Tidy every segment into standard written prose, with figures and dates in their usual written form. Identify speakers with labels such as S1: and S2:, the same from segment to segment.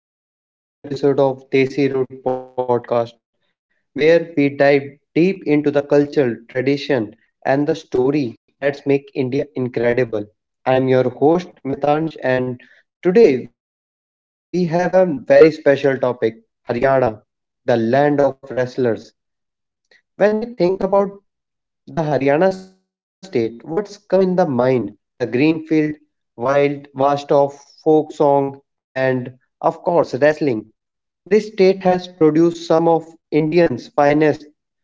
S1: Welcome to the another exciting episode of Desi Root podcast where we dive deep into the culture, tradition and the story that's make India incredible. I am your host Mitansh and today we have a very special topic, Haryana, the land of wrestlers. When we think about the Haryana state, what's come in the mind? The green field, wild, vast of folk song, and of course, wrestling. This state has produced some of India's finest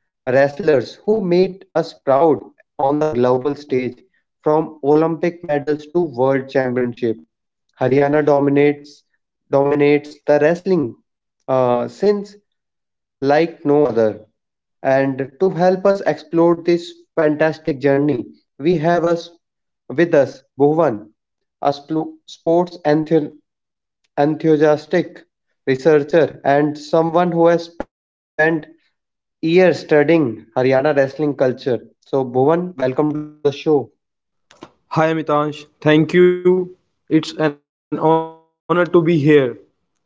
S1: wrestlers who made us proud on the global stage from Olympic medals to world championship. Haryana dominates the wrestling since like no other. And to help us explore this fantastic journey, we have us with us Bhuvan, a enthusiastic researcher and someone who has spent years studying Haryana wrestling culture. So, Bhuvan, welcome to the show.
S2: Hi Amitansh, thank you. It's an honor to be here.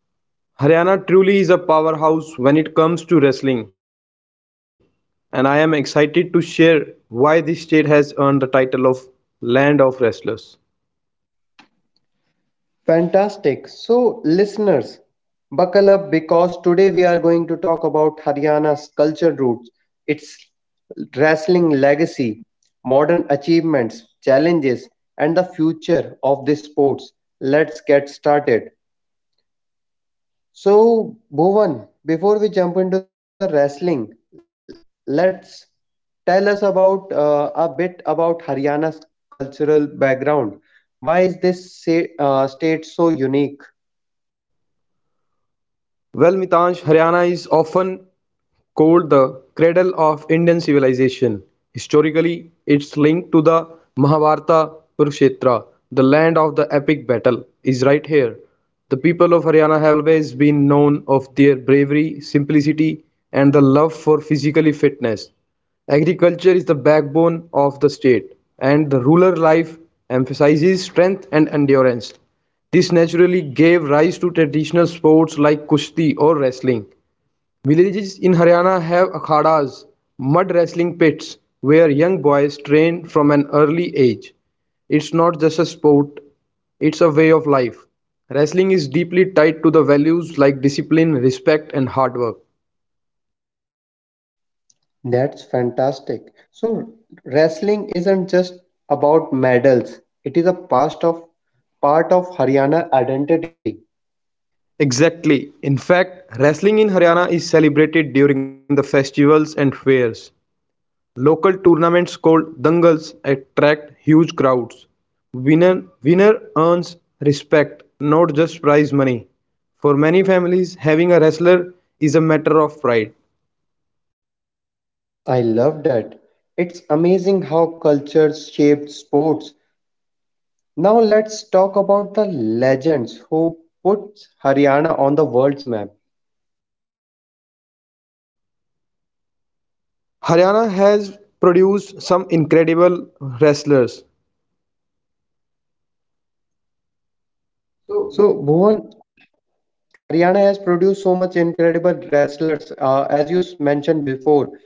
S2: Haryana truly is a powerhouse when it comes to wrestling, and I am excited to share why this state has earned the title of Land of Wrestlers.
S1: Fantastic. So, listeners, buckle up because today we are going to talk about Haryana's culture roots, its wrestling legacy, modern achievements, challenges, and the future of this sports. Let's get started. So, Bhuvan, before we jump into the wrestling, let's tell us about a bit about Haryana's cultural background. Why is this state so unique?
S2: Well, Mitansh, Haryana is often called the cradle of Indian civilization. Historically, it's linked to the Mahabharata Kurukshetra, the land of the epic battle, is right here. The people of Haryana have always been known of their bravery, simplicity, and the love for physical fitness. Agriculture is the backbone of the state, and the rural life emphasizes strength and endurance. This naturally gave rise to traditional sports like Kushti or wrestling. Villages in Haryana have akhadas, mud wrestling pits, where young boys train from an early age. It's not just a sport, it's a way of life. Wrestling is deeply tied to the values like discipline, respect, and hard work.
S1: That's fantastic. So wrestling isn't just about medals. It is a past of part of Haryana identity.
S2: Exactly. In fact, wrestling in Haryana is celebrated during the festivals and fairs. Local tournaments called "dangals" attract huge crowds. Winner earns respect, not just prize money. For many families, having a wrestler is a matter of pride.
S1: I love that. It's amazing how cultures shaped sports. Now let's talk about the legends who put Haryana on the world's map.
S2: Haryana has produced some incredible wrestlers.
S1: So Bhuvan, Haryana has produced so much incredible wrestlers as mentioned before.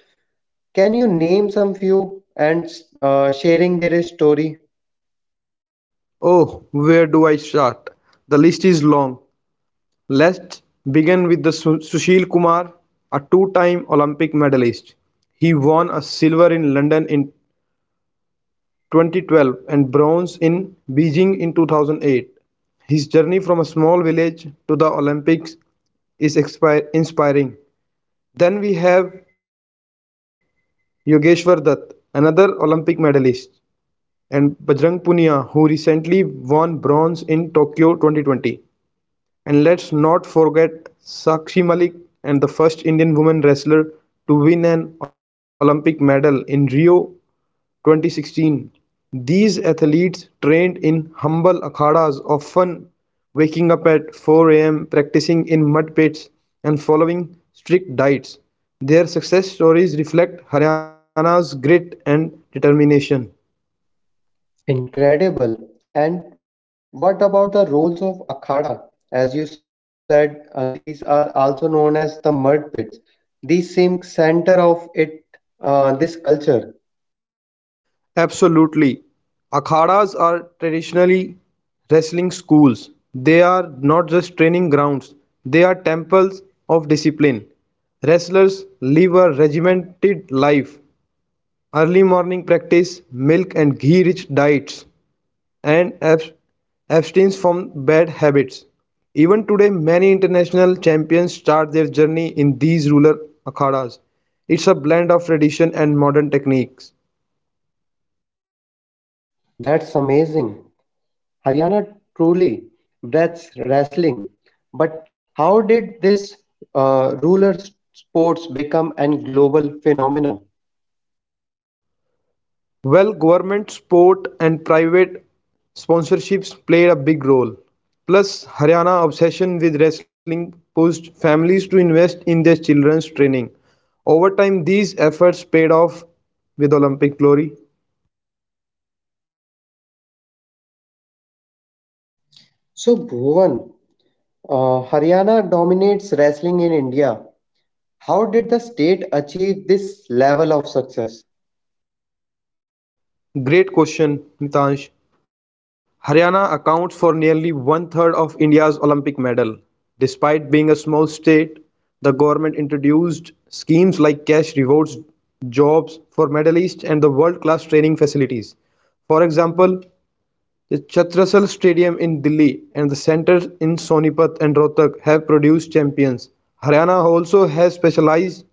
S1: Can you name some few and sharing their story?
S2: Oh, where do I start? The list is long. Let's begin with the Sushil Kumar, a two-time Olympic medalist. He won a silver in London in 2012 and bronze in Beijing in 2008. His journey from a small village to the Olympics is inspiring. Then we have Yogeshwar Dutt, another Olympic medalist, and Bajrang Punia, who recently won bronze in Tokyo 2020. And let's not forget Sakshi Malik and the first Indian woman wrestler to win an Olympic medal in Rio 2016. These athletes trained in humble akhadas, often waking up at 4 a.m., practicing in mud pits, and following strict diets. Their success stories reflect Haryana's grit and determination.
S1: Incredible. And what about the roles of Akhada? As you said, these are also known as the mud pits. These seem center of it, this culture.
S2: Absolutely. Akhadas are traditionally wrestling schools. They are not just training grounds, they are temples of discipline. Wrestlers live a regimented life, early morning practice, milk and ghee rich diets, and abstains from bad habits. Even today, many international champions start their journey in these rural akhadas. It's a blend of tradition and modern techniques.
S1: That's amazing. Haryana truly breaths wrestling. But how did this ruler sports become a global phenomena?
S2: Well, government support and private sponsorships played a big role. Plus, Haryana's obsession with wrestling pushed families to invest in their children's training. Over time, these efforts paid off with Olympic glory.
S1: So, Bhuvan, Haryana dominates wrestling in India. How did the state achieve this level of success?
S2: Great question, Mitansh. Haryana accounts for nearly one third of India's Olympic medal. Despite being a small state, the government introduced schemes like cash rewards, jobs for medalists, and the world class training facilities. For example, the Chhatrasal Stadium in Delhi and the centers in Sonipat and Rohtak have produced champions. Haryana also has specialized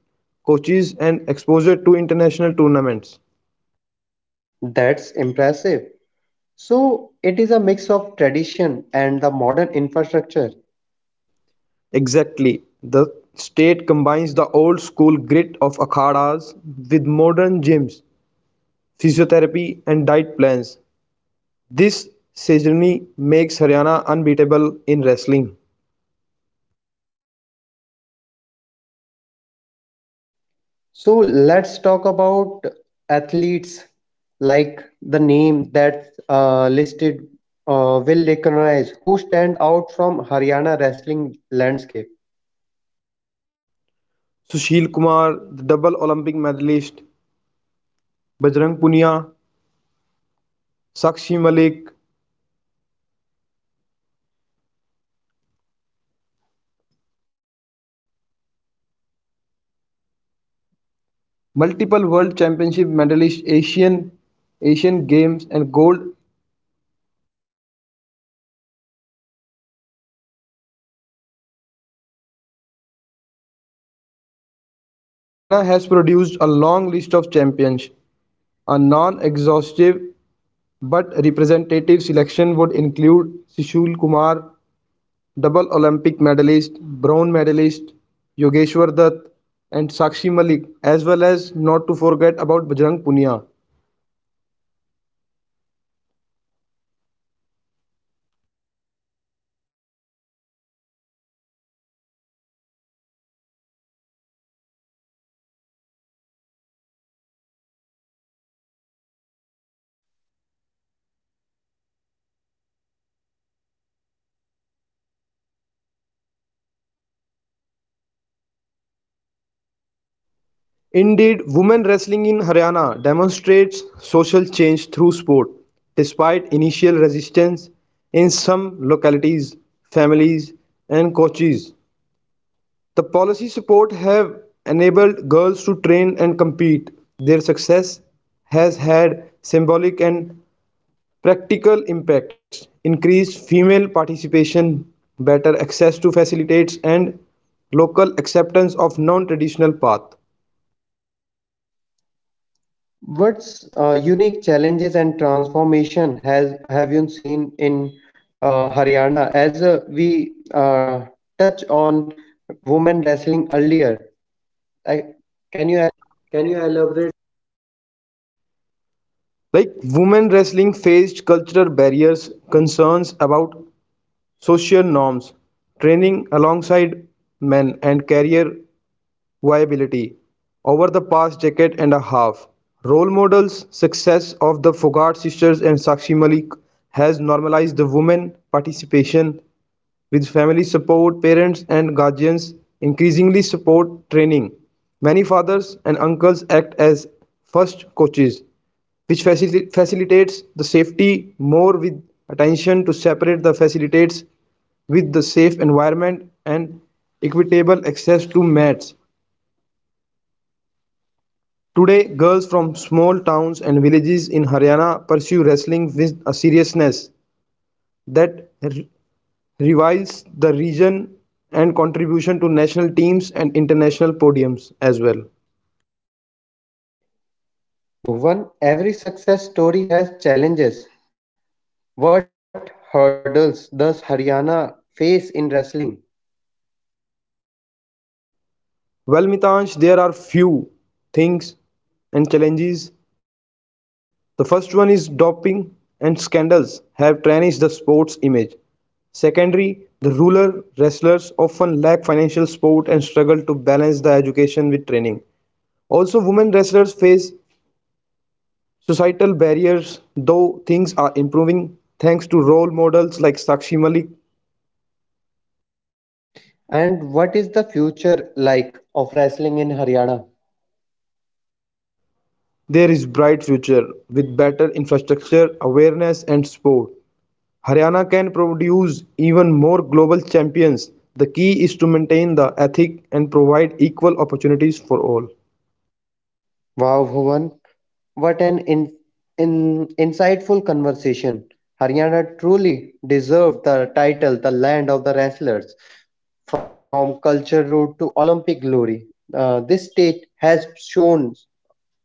S2: coaches and exposure to international tournaments.
S1: That's impressive. So, it is a mix of tradition and the modern infrastructure.
S2: Exactly, the state combines the old-school grit of akhadas with modern gyms, physiotherapy and diet plans. This synergy makes Haryana unbeatable in wrestling.
S1: So, let's talk about athletes like the name that's listed will recognize who stand out from Haryana wrestling landscape.
S2: Sushil Kumar, the double Olympic medalist, Bajrang Punia, Sakshi Malik, multiple world championship medalist, Asian Games and gold. Like Haryana has produced a long list of champions. A non-exhaustive but representative selection would include Sushil Kumar, double Olympic medalist, bronze medalist Yogeshwar Dutt and Sakshi Malik as well as not to forget about Bajrang Punia.
S1: Those achievements has clearly estimated Haryana profile. What network or is a gender dimension. Uh, the Pogat sister and Sakshi Malik has transformed.
S2: Indeed, women wrestling in Haryana demonstrates social change through sport. Despite initial resistance in some localities, families and coaches, the policy support have enabled girls to train and compete; their success has had symbolic and practical impacts: increased female participation, better access to facilities, and local acceptance of non-traditional path.
S1: What's unique challenges and transformation has have you seen in Haryana? As we touch on women wrestling earlier, I, can you elaborate this?
S2: Like women wrestling faced cultural barriers, concerns about social norms, training alongside men and career viability. Over the past decade and a half, role models' success of the Fogart sisters and Sakshi Malik has normalized the women participation with family support, parents and guardians increasingly support training. Many fathers and uncles act as first coaches, which facilitates the safety more with attention to separate the facilitates with the safe environment and equitable access to mats. Today, girls from small towns and villages in Haryana pursue wrestling with a seriousness that reveres the region and contribution to national teams and international podiums as well.
S1: Bhuvan, every success story has challenges. What hurdles does Haryana face in wrestling?
S2: Well, Mitansh, there are few things and challenges. The first one is doping and scandals have tarnished the sports image. Secondly, the rural wrestlers often lack financial support and struggle to balance the education with training. Also women wrestlers face societal barriers though things are improving thanks to role models like Sakshi Malik.
S1: And what is the future like of wrestling in Haryana?
S2: There is bright future with better infrastructure, awareness and support. Haryana can produce even more global champions. The key is to maintain the ethic and provide equal opportunities for all.
S1: Wow, Bhuvan, what an insightful conversation. Haryana truly deserved the title, the land of the wrestlers, from culture route to Olympic glory. This state has shown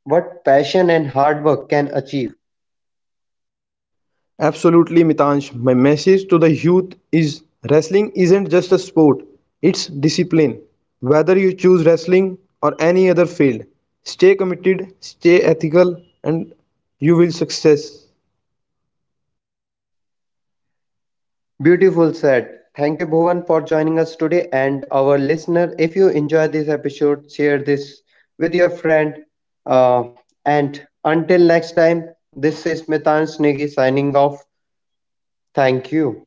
S1: what passion and hard work can achieve.
S2: Absolutely, Mitansh. My message to the youth is wrestling isn't just a sport, it's discipline. Whether you choose wrestling or any other field, stay committed, stay ethical, and you will success.
S1: Beautiful said. Thank you, Bhuvan, for joining us today and our listener. If you enjoy this episode, share this with your friend. Uh, and until next time, this is Mitan Snegi signing off. Thank you.